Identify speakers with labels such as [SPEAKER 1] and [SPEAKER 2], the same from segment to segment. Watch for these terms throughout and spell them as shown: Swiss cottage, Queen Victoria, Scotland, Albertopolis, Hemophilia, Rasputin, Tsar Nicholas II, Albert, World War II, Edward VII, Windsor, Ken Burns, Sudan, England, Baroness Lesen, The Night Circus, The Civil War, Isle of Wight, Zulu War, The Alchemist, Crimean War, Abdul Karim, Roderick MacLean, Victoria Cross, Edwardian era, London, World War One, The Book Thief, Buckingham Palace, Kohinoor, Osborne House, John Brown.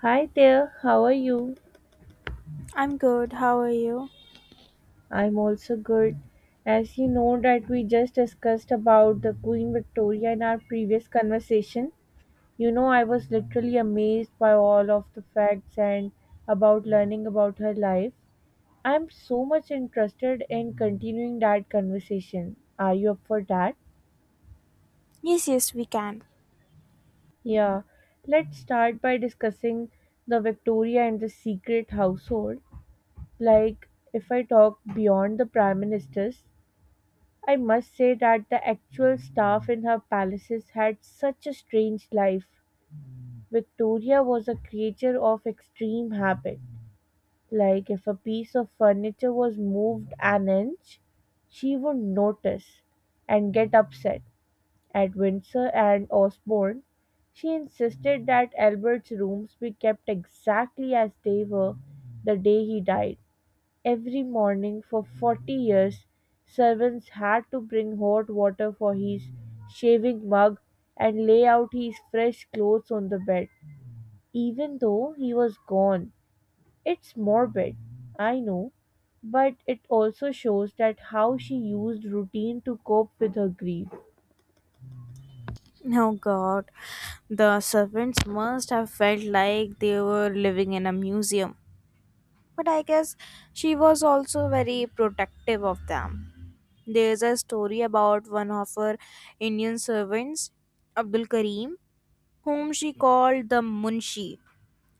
[SPEAKER 1] Hi there, how are you?
[SPEAKER 2] I'm good. How are you?
[SPEAKER 1] I'm also good. As you know that we just discussed about the Queen Victoria in our previous conversation, you know I was literally amazed by all of the facts and about learning about her life. I'm so much interested in continuing that conversation. Are you up for that?
[SPEAKER 2] Yes, yes, we can.
[SPEAKER 1] Yeah, let's start by discussing the Victoria and the secret household. Like, if I talk beyond the prime ministers, I must say that the actual staff in her palaces had such a strange life. Victoria was a creature of extreme habit. Like, if a piece of furniture was moved an inch, she would notice and get upset. At Windsor and Osborne, she insisted that Albert's rooms be kept exactly as they were the day he died. Every morning for 40 years, servants had to bring hot water for his shaving mug and lay out his fresh clothes on the bed, even though he was gone. It's morbid, I know, but it also shows that how she used routine to cope with her grief.
[SPEAKER 2] Oh God, the servants must have felt like they were living in a museum. But I guess she was also very protective of them. There's a story about one of her Indian servants, Abdul Karim, whom she called the Munshi.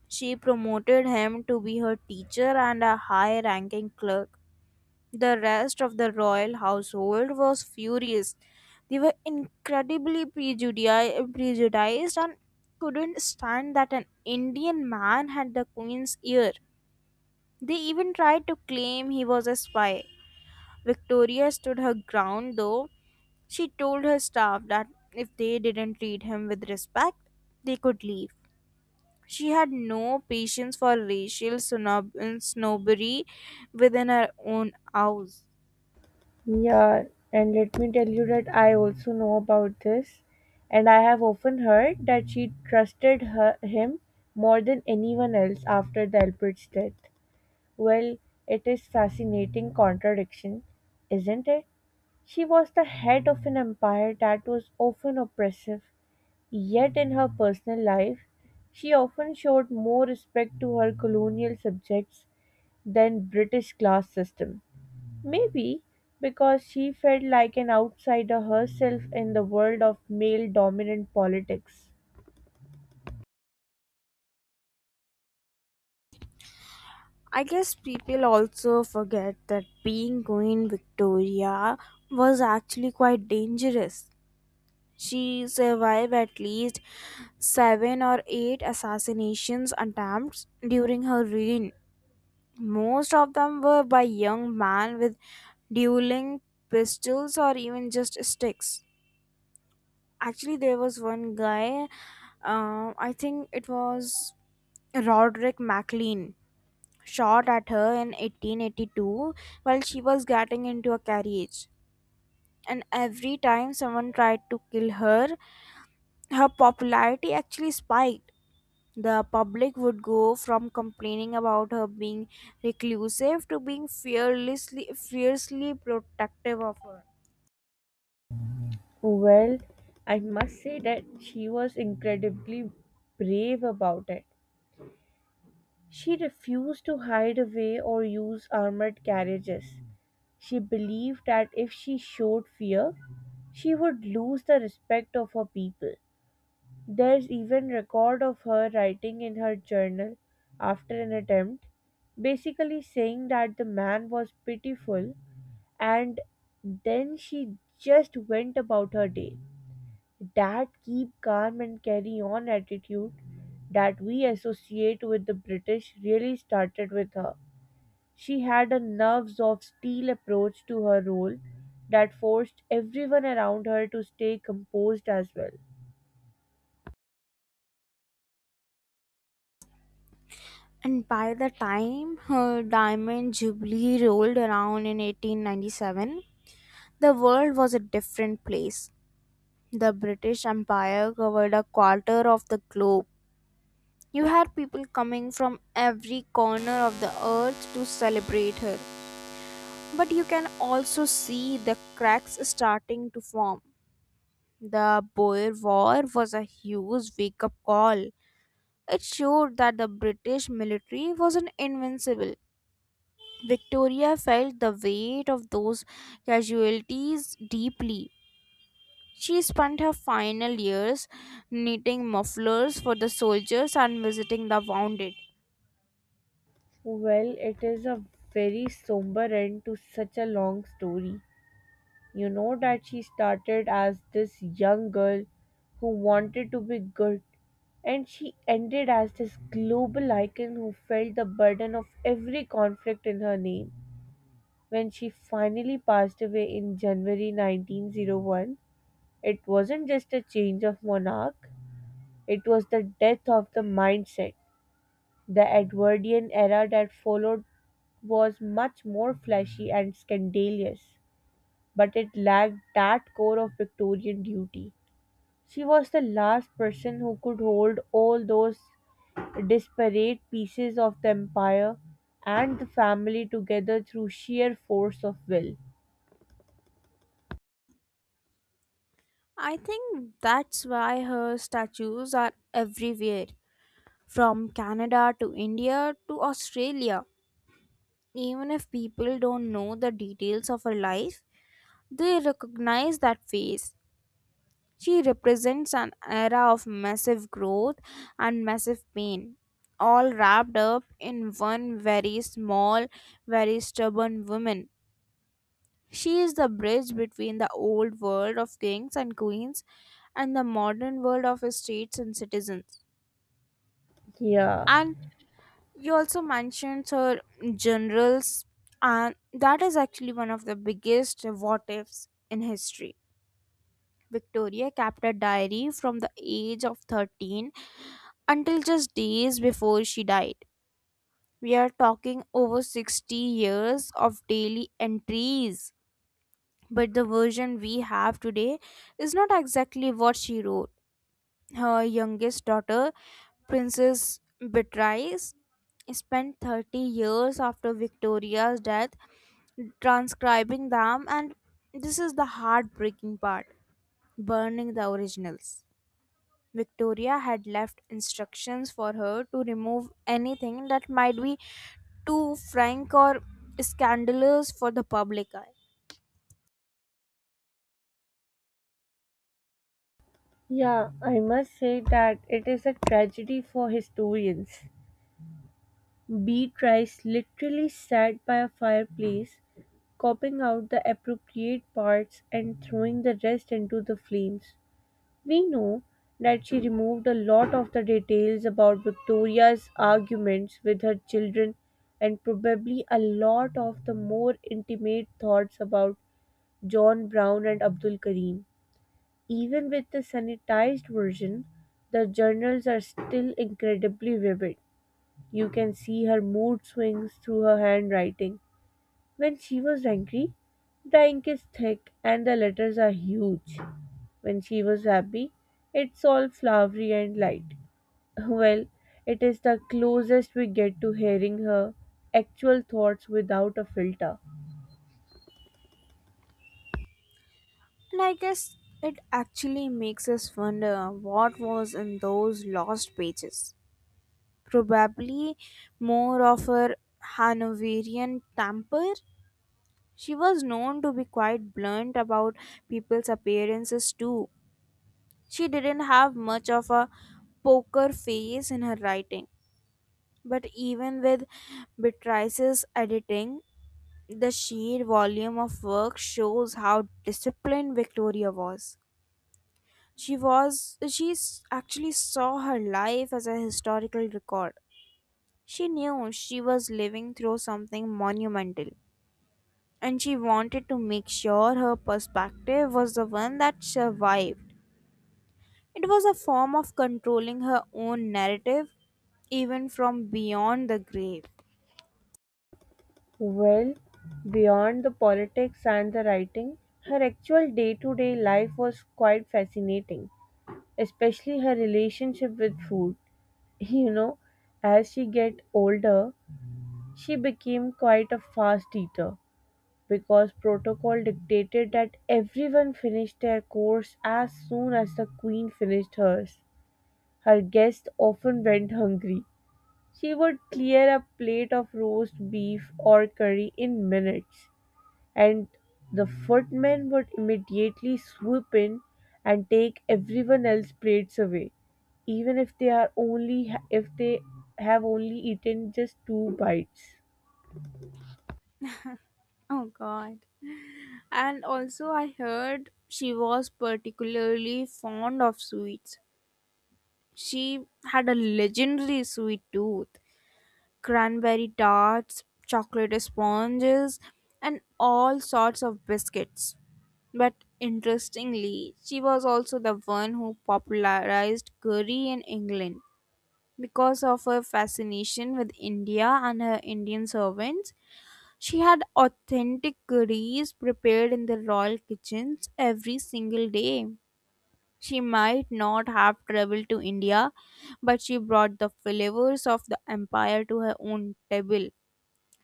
[SPEAKER 2] She promoted him to be her teacher and a high ranking clerk. The rest of the royal household was furious. They were incredibly prejudiced and couldn't stand that an Indian man had the queen's ear. They even tried to claim he was a spy. Victoria stood her ground though. She told her staff that if they didn't treat him with respect, they could leave. She had no patience for racial snobbery within her own house.
[SPEAKER 1] Yeah, and let me tell you that I also know about this, and I have often heard that she trusted him more than anyone else after the Albert's death. Well, it is fascinating contradiction, isn't it? She was the head of an empire that was often oppressive, yet in her personal life, she often showed more respect to her colonial subjects than British class system. Maybe because she felt like an outsider herself in the world of male dominant politics.
[SPEAKER 2] I guess people also forget that being Queen Victoria was actually quite dangerous. She survived at least seven or eight assassinations attempts during her reign. Most of them were by young men with dueling pistols or even just sticks. Actually, there was one guy, I think it was Roderick MacLean, shot at her in 1882 while she was getting into a carriage. And every time someone tried to kill her, her popularity actually spiked. The public would go from complaining about her being reclusive to being fearlessly, fiercely protective of her.
[SPEAKER 1] Well, I must say that she was incredibly brave about it. She refused to hide away or use armored carriages. She believed that if she showed fear, she would lose the respect of her people. There's even record of her writing in her journal after an attempt, basically saying that the man was pitiful and then she just went about her day. That keep calm and carry on attitude that we associate with the British really started with her. She had a nerves of steel approach to her role that forced everyone around her to stay composed as well.
[SPEAKER 2] And by the time her diamond jubilee rolled around in 1897, the world was a different place. The British Empire covered a quarter of the globe. You had people coming from every corner of the earth to celebrate her. But you can also see the cracks starting to form. The Boer War was a huge wake up call. It showed that the British military wasn't invincible. Victoria felt the weight of those casualties deeply. She spent her final years knitting mufflers for the soldiers and visiting the wounded.
[SPEAKER 1] Well, it is a very somber end to such a long story. You know that she started as this young girl who wanted to be good, and she ended as this global icon who felt the burden of every conflict in her name. When she finally passed away in January 1901, it wasn't just a change of monarch, it was the death of the mindset. The Edwardian era that followed was much more flashy and scandalous, but it lacked that core of Victorian duty. She was the last person who could hold all those disparate pieces of the empire and the family together through sheer force of will.
[SPEAKER 2] I think that's why her statues are everywhere, from Canada to India to Australia. Even if people don't know the details of her life, they recognize that face. She represents an era of massive growth and massive pain, all wrapped up in one very small, very stubborn woman. She is the bridge between the old world of kings and queens and the modern world of states and citizens.
[SPEAKER 1] Yeah,
[SPEAKER 2] And you also mentioned her generals, and that is actually one of the biggest what ifs in history. Victoria kept a diary from the age of 13 until just days before she died. We are talking over 60 years of daily entries. But the version we have today is not exactly what she wrote. Her youngest daughter, Princess Beatrice, spent 30 years after Victoria's death transcribing them, and this is the heartbreaking part, burning the originals. Victoria had left instructions for her to remove anything that might be too frank or scandalous for the public eye.
[SPEAKER 1] yeah, I must say that it is a tragedy for historians. Bee Trice literally sat by a fireplace, copying out the appropriate parts and throwing the rest into the flames. We know that she removed a lot of the details about Victoria's arguments with her children and probably a lot of the more intimate thoughts about John Brown and Abdul Karim. Even with the sanitized version, the journals are still incredibly vivid. You can see her mood swings through her handwriting. When she was angry, the ink is thick and the letters are huge. When she was happy, it's all flowery and light. Well, it is the closest we get to hearing her actual thoughts without a filter.
[SPEAKER 2] And I guess it actually makes us wonder what was in those lost pages. Probably more of her Hanoverian temper. She was known to be quite blunt about people's appearances too. She didn't have much of a poker face in her writing. But even with Beatrice's editing, the sheer volume of work shows how disciplined Victoria was. She actually saw her life as a historical record. She knew she was living through something monumental and she wanted to make sure her perspective was the one that survived. It was a form of controlling her own narrative even from beyond the grave.
[SPEAKER 1] Well, beyond the politics and the writing, her actual day to day life was quite fascinating, especially her relationship with food. You know, as she get older, she became quite a fast eater because protocol dictated that everyone finished their course as soon as the queen finished hers. Her guests often went hungry. She would clear a plate of roast beef or curry in minutes, and the footmen would immediately swoop in and take everyone else's plates away, even if they are only if they have only eaten just 2 bites.
[SPEAKER 2] Oh god. And also I heard she was particularly fond of sweets. She had a legendary sweet tooth, cranberry tarts, chocolate sponges, and all sorts of biscuits. But interestingly, she was also the one who popularized curry in England. Because of her fascination with India and her Indian servants, she had authentic curries prepared in the royal kitchens every single day. She might not have traveled to India, but she brought the flavors of the empire to her own table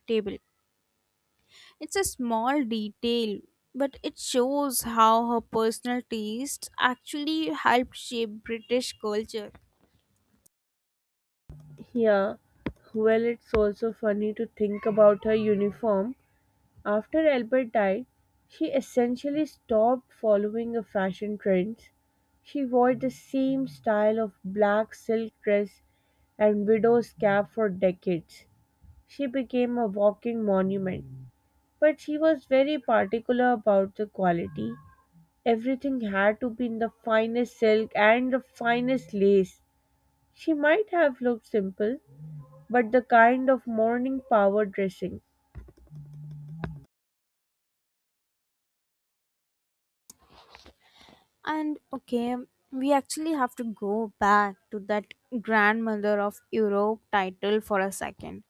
[SPEAKER 2] table. It's a small detail, but it shows how her personal tastes actually helped shape British culture.
[SPEAKER 1] Yeah, well, it's also funny to think about her uniform. After Albert died, she essentially stopped following a fashion trends. She wore the same style of black silk dress and widow's cap for decades. She became a walking monument. But she was very particular about the quality. Everything had to be in the finest silk and the finest lace. She might have looked simple, but the kind of morning power dressing.
[SPEAKER 2] And okay, we actually have to go back to that grandmother of Europe title for a second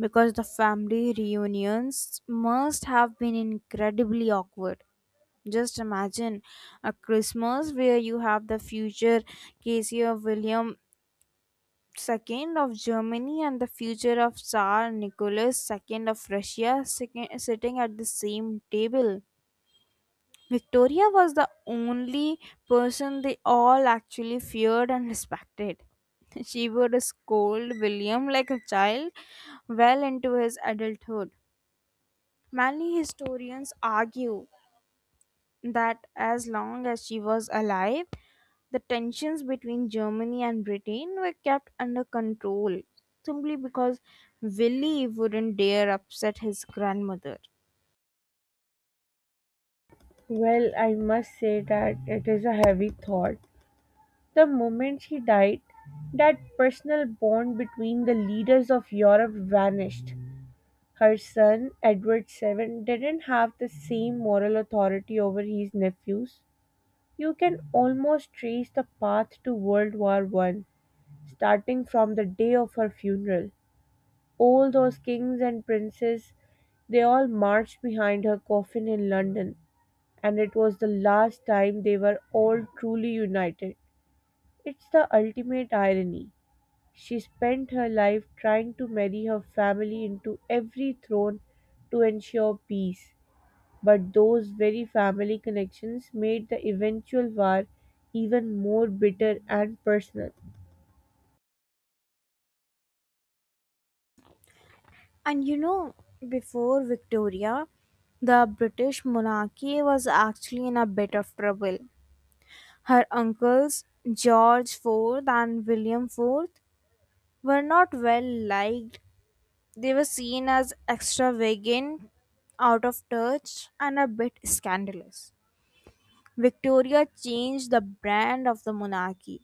[SPEAKER 2] because the family reunions must have been incredibly awkward. Just imagine a Christmas where you have the future Casey or William Second of Germany and the future of Tsar Nicholas II of Russia sitting at the same table. Victoria was the only person they all actually feared and respected. She would scold William like a child well into his adulthood. Many historians argue that as long as she was alive, the tensions between Germany and Britain were kept under control simply because Willie wouldn't dare upset his grandmother.
[SPEAKER 1] Well, I must say that it is a heavy thought. The moment she died, that personal bond between the leaders of Europe vanished. Her son, Edward VII, didn't have the same moral authority over his nephews. You can almost trace the path to World War I, starting from the day of her funeral. All those kings and princes, they all marched behind her coffin in London, and it was the last time they were all truly united. It's the ultimate irony. She spent her life trying to marry her family into every throne to ensure peace. But those very family connections made the eventual war even more bitter and personal.
[SPEAKER 2] And you know, before Victoria, the British monarchy was actually in a bit of trouble. Her uncles, George IV and William IV, were not well liked. They were seen as extravagant, out of touch, and a bit scandalous. Victoria changed the brand of the monarchy.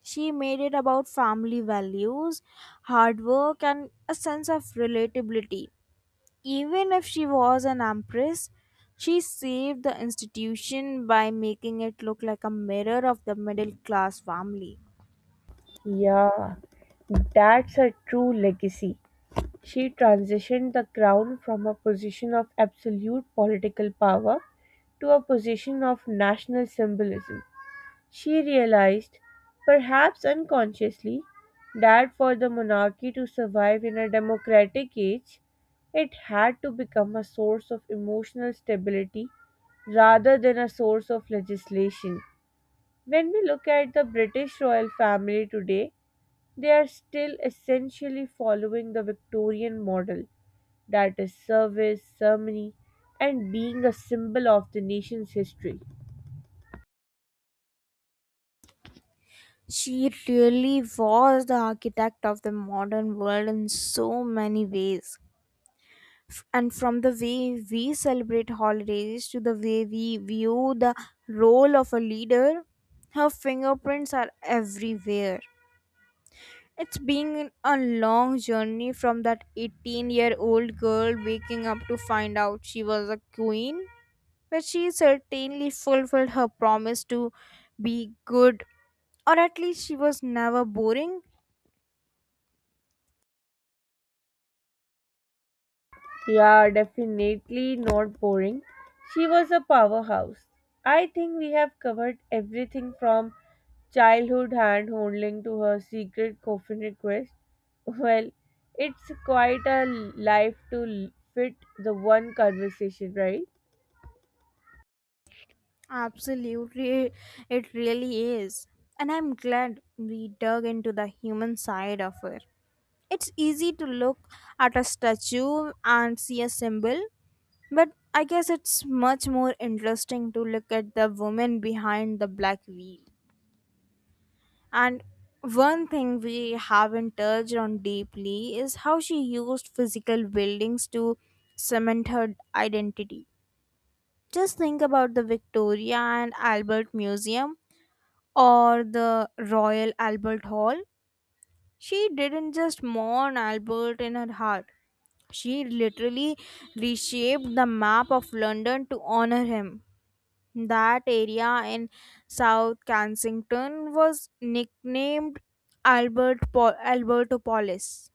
[SPEAKER 2] She made it about family values, hard work, and a sense of relatability. Even if she was an empress, she saved the institution by making it look like a mirror of the middle class family.
[SPEAKER 1] Yeah, that's a true legacy. She transitioned the crown from a position of absolute political power to a position of national symbolism. She realized, perhaps unconsciously, that for the monarchy to survive in a democratic age, it had to become a source of emotional stability rather than a source of legislation. When we look at the British royal family today, they are still essentially following the Victorian model, that is, service, ceremony, and being a symbol of the nation's history.
[SPEAKER 2] She really was the architect of the modern world in so many ways. And from the way we celebrate holidays to the way we view the role of a leader, her fingerprints are everywhere. It's been a long journey from that 18-year-old girl waking up to find out she was a queen, but she certainly fulfilled her promise to be good, or at least she was never boring.
[SPEAKER 1] Yeah, definitely not boring. She was a powerhouse. I think we have covered everything from childhood hand holding to her secret coffin request. Well, it's quite a life to fit the one conversation, right?
[SPEAKER 2] Absolutely, it really is. And I'm glad we dug into the human side of it. It's easy to look at a statue and see a symbol, but I guess it's much more interesting to look at the woman behind the black veil. And one thing we haven't touched on deeply is how she used physical buildings to cement her identity. Just think about the Victoria and Albert Museum or the Royal Albert Hall. She didn't just mourn Albert in her heart, she literally reshaped the map of London to honor him. That area in South Kensington was nicknamed Albertopolis.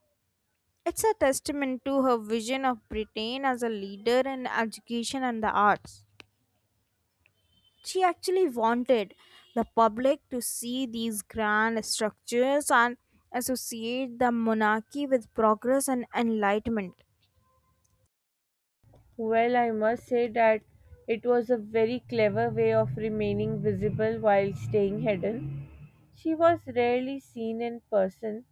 [SPEAKER 2] It's a testament to her vision of Britain as a leader in education and the arts. She actually wanted the public to see these grand structures and associate the monarchy with progress and enlightenment.
[SPEAKER 1] Well, I must say that it was a very clever way of remaining visible while staying hidden. She was rarely seen in person,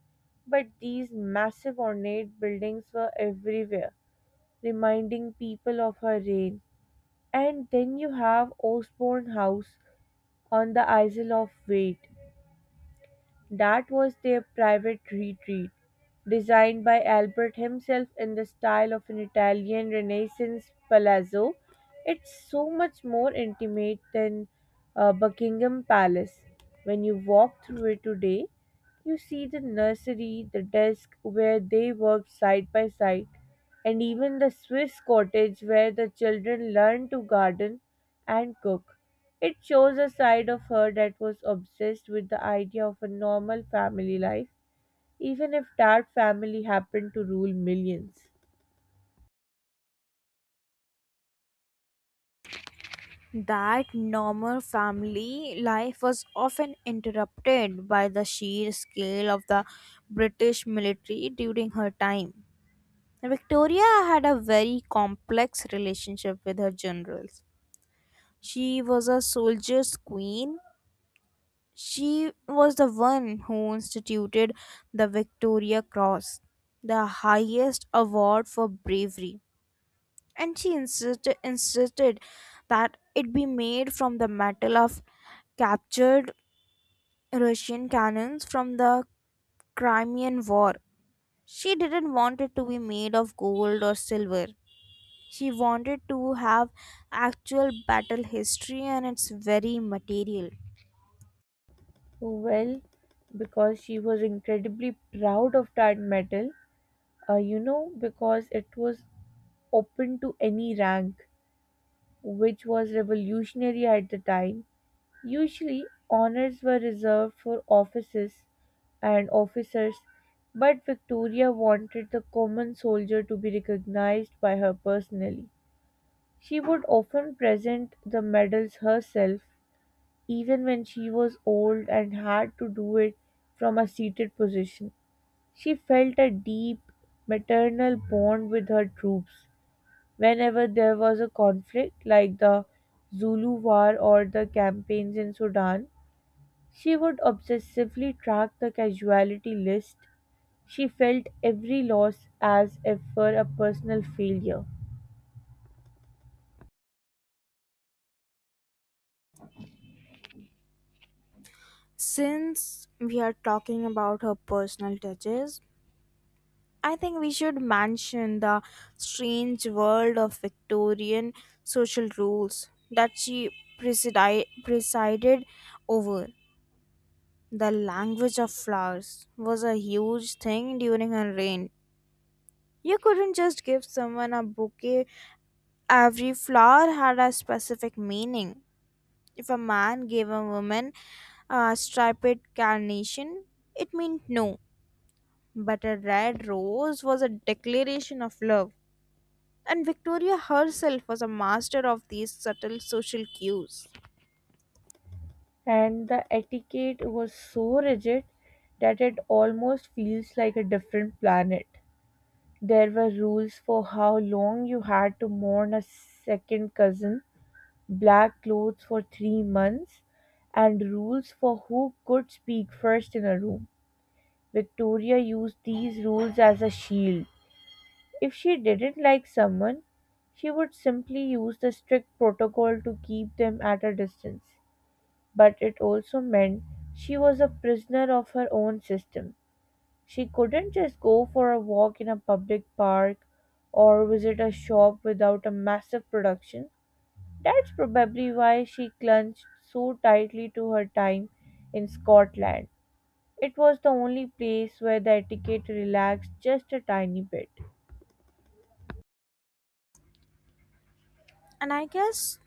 [SPEAKER 1] but these massive ornate buildings were everywhere, reminding people of her reign. And then you have Osborne House on the Isle of Wight. That was their private retreat, designed by Albert himself in the style of an Italian Renaissance palazzo. It's so much more intimate than Buckingham Palace. When you walk through it today, you see the nursery, the desk where they worked side by side, and even the Swiss cottage where the children learned to garden and cook. It shows a side of her that was obsessed with the idea of a normal family life, even if that family happened to rule millions.
[SPEAKER 2] That normal family life was often interrupted by the sheer scale of the British military during her time. Victoria had a very complex relationship with her generals. She was a soldier's queen. She was the one who instituted the Victoria Cross, the highest award for bravery, and she insisted that it be made from the metal of captured Russian cannons from the Crimean War. She didn't want it to be made of gold or silver. She wanted to have actual battle history and its very material.
[SPEAKER 1] Well, because she was incredibly proud of that medal, you know, because it was open to any rank, which was revolutionary at the time. Usually, honors were reserved for offices and officers, but Victoria wanted the common soldier to be recognized by her personally. She would often present the medals herself, even when she was old and had to do it from a seated position. She felt a deep maternal bond with her troops. Whenever there was a conflict, like the Zulu War or the campaigns in Sudan, she would obsessively track the casualty list. She felt every loss as if were a personal failure.
[SPEAKER 2] Since we are talking about her personal touches, I think we should mention the strange world of Victorian social rules that she presided over. The language of flowers was a huge thing during her reign. You couldn't just give someone a bouquet. Every flower had a specific meaning. If a man gave a woman a striped carnation, it meant no. But a red rose was a declaration of love, and Victoria herself was a master of these subtle social cues.
[SPEAKER 1] And the etiquette was so rigid that it almost feels like a different planet. There were rules for how long you had to mourn a second cousin, black clothes for 3 months, and rules for who could speak first in a room. Victoria used these rules as a shield. If she didn't like someone, she would simply use the strict protocol to keep them at a distance. But it also meant she was a prisoner of her own system. She couldn't just go for a walk in a public park or visit a shop without a massive production. That's probably why she clung so tightly to her time in Scotland. It was the only place where the etiquette relaxed just a tiny bit.
[SPEAKER 2] And I guess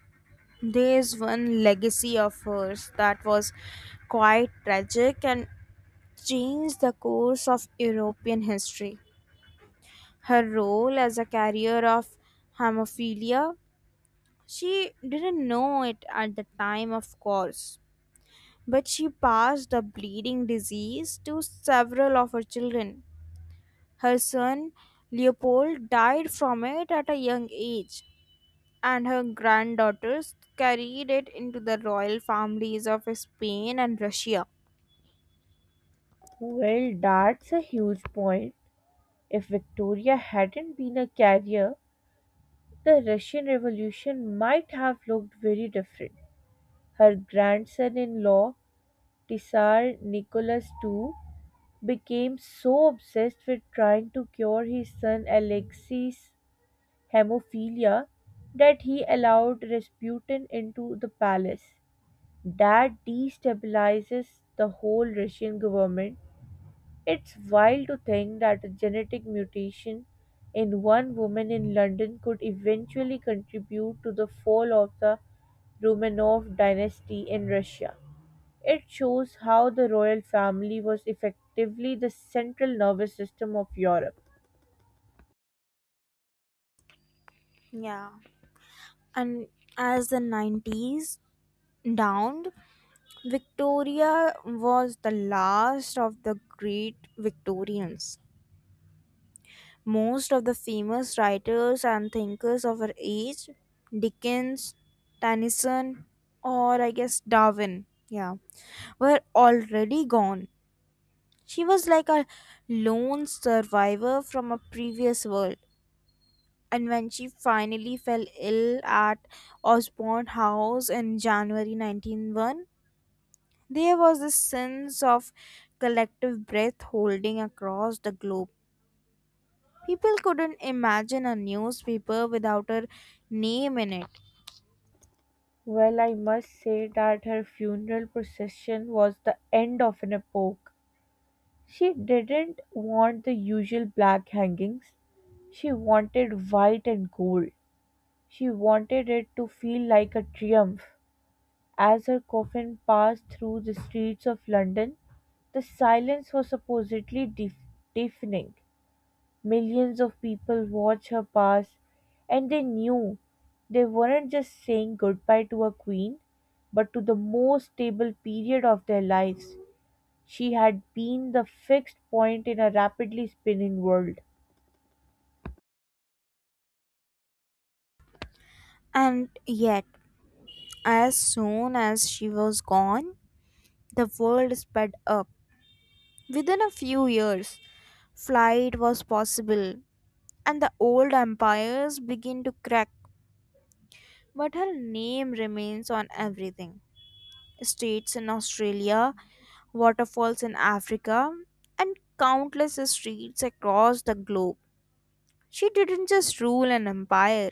[SPEAKER 2] there's one legacy of hers that was quite tragic and changed the course of European history. Her role as a carrier of hemophilia, she didn't know it at the time, of course, but she passed the bleeding disease to several of her children. Her son Leopold died from it at a young age, and her granddaughters carried it into the royal families of Spain and Russia.
[SPEAKER 1] Well, that's a huge point. If Victoria hadn't been a carrier, the Russian Revolution might have looked very different. Her grandson in law, Tsar Nicholas II, became so obsessed with trying to cure his son Alexei's hemophilia that he allowed Rasputin into the palace. That destabilizes the whole Russian government. It's wild to think that a genetic mutation in one woman in London could eventually contribute to the fall of the Romanov dynasty in Russia. It shows how the royal family was effectively the central nervous system of Europe.
[SPEAKER 2] Yeah. And as the 90s dawned, Victoria was the last of the great Victorians. Most of the famous writers and thinkers of her age, Dickens, Tennyson, or I guess Darwin, yeah, were already gone. She was like a lone survivor from a previous world. And when she finally fell ill at Osborne House in January 1901, there was this sense of collective breath holding across the globe. People couldn't imagine a newspaper without her name in it.
[SPEAKER 1] Well, I must say that her funeral procession was the end of an epoch. She didn't want the usual black hangings, she wanted white and gold. She wanted it to feel like a triumph. As her coffin passed through the streets of London, the silence was supposedly deafening. Millions of people watched her pass, and they knew they weren't just saying goodbye to a queen, but to the most stable period of their lives. She had been the fixed point in a rapidly spinning world.
[SPEAKER 2] And yet, as soon as she was gone, the world sped up. Within a few years, flight was possible, and the old empires began to crack. But her name remains on everything, states in Australia, waterfalls in Africa, and countless streets across the globe. She didn't just rule an empire,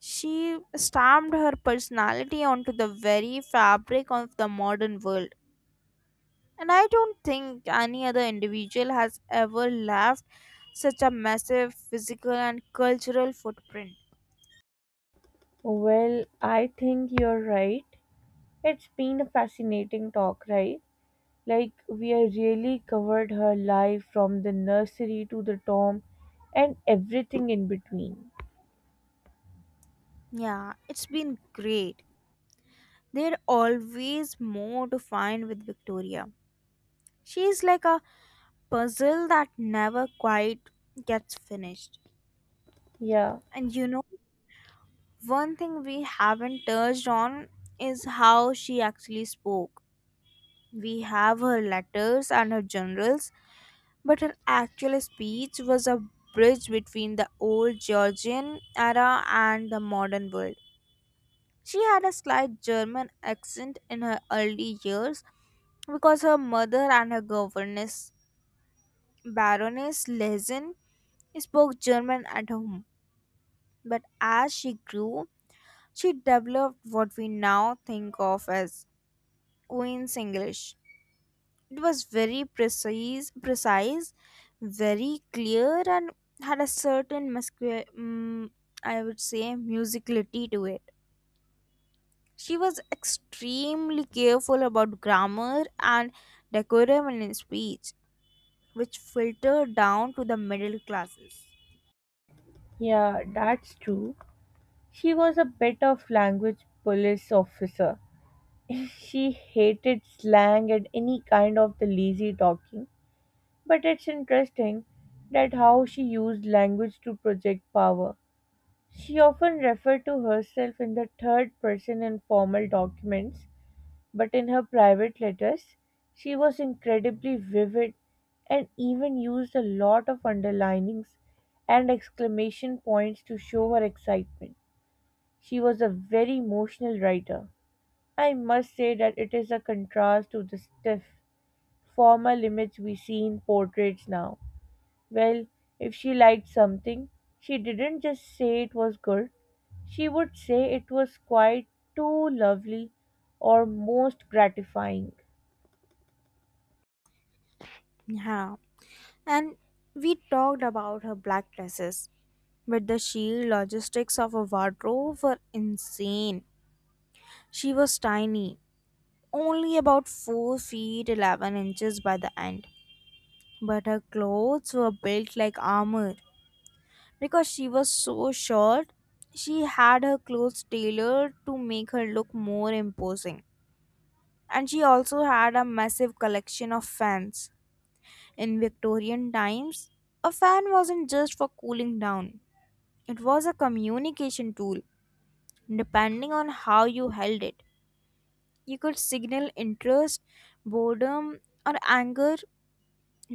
[SPEAKER 2] she stamped her personality onto the very fabric of the modern world. And I don't think any other individual has ever left such a massive physical and cultural footprint.
[SPEAKER 1] Well, I think you're right. It's been a fascinating talk, right? Like, we have really covered her life from the nursery to the tomb and everything in between.
[SPEAKER 2] Yeah, it's been great. There's always more to find with Victoria. She's like a puzzle that never quite gets finished.
[SPEAKER 1] Yeah,
[SPEAKER 2] And you know, one thing we haven't touched on is how she actually spoke. We have her letters and her journals, but her actual speech was a bridge between the old Georgian era and the modern world. She had a slight German accent in her early years because her mother and her governess, Baroness Lesen, spoke German at home. But as she grew, she developed what we now think of as Queen's English. It was very precise, very clear, and had a certain I would say musicality to it. She was extremely careful about grammar and decorum in speech, which filtered down to the middle classes.
[SPEAKER 1] yeah, that's true. She was a bit of language police officer. She hated slang and any kind of the lazy talking. But it's interesting that how she used language to project power. She often referred to herself in the third person in formal documents, but in her private letters, she was incredibly vivid and even used a lot of underlinings and exclamation points to show her excitement. She was a very emotional writer. I must say that it is a contrast to the stiff, formal image we see in portraits now. Well, if she liked something, she didn't just say it was good, she would say it was quite too lovely or most gratifying.
[SPEAKER 2] Yeah, and we talked about her black dresses, but the sheer logistics of her wardrobe were insane. She was tiny, only about 4 feet 11 inches by the end, but her clothes were built like armor. Because she was so short, she had her clothes tailored to make her look more imposing, and she also had a massive collection of fans. In Victorian times, a fan wasn't just for cooling down, it was a communication tool. Depending on how you held it, you could signal interest, boredom, or anger.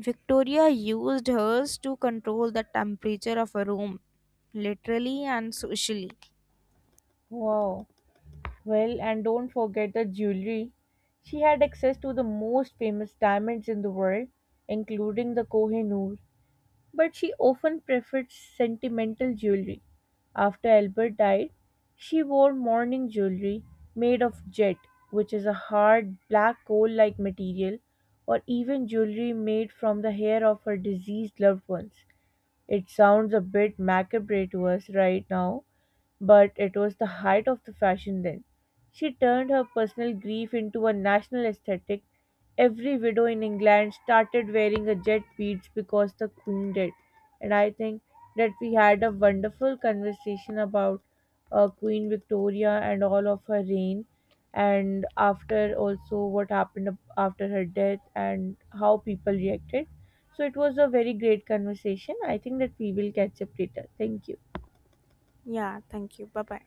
[SPEAKER 2] Victoria used hers to control the temperature of a room, literally and socially.
[SPEAKER 1] Wow. Well, and don't forget the jewelry. She had access to the most famous diamonds in the world, including the Kohinoor. But she often preferred sentimental jewelry. After Albert died, she wore mourning jewelry made of jet, which is a hard black coal like material, or even jewelry made from the hair of her deceased loved ones. It sounds a bit macabre to us right now, but it was the height of the fashion then. She turned her personal grief into a national aesthetic. Every widow in England started wearing a jet beads because the queen did. And I think that we had a wonderful conversation about Queen Victoria and all of her reign, and after also what happened after her death and how people reacted. So it was a very great conversation. I think that we will catch up later. Thank you.
[SPEAKER 2] Yeah, thank you. Bye bye.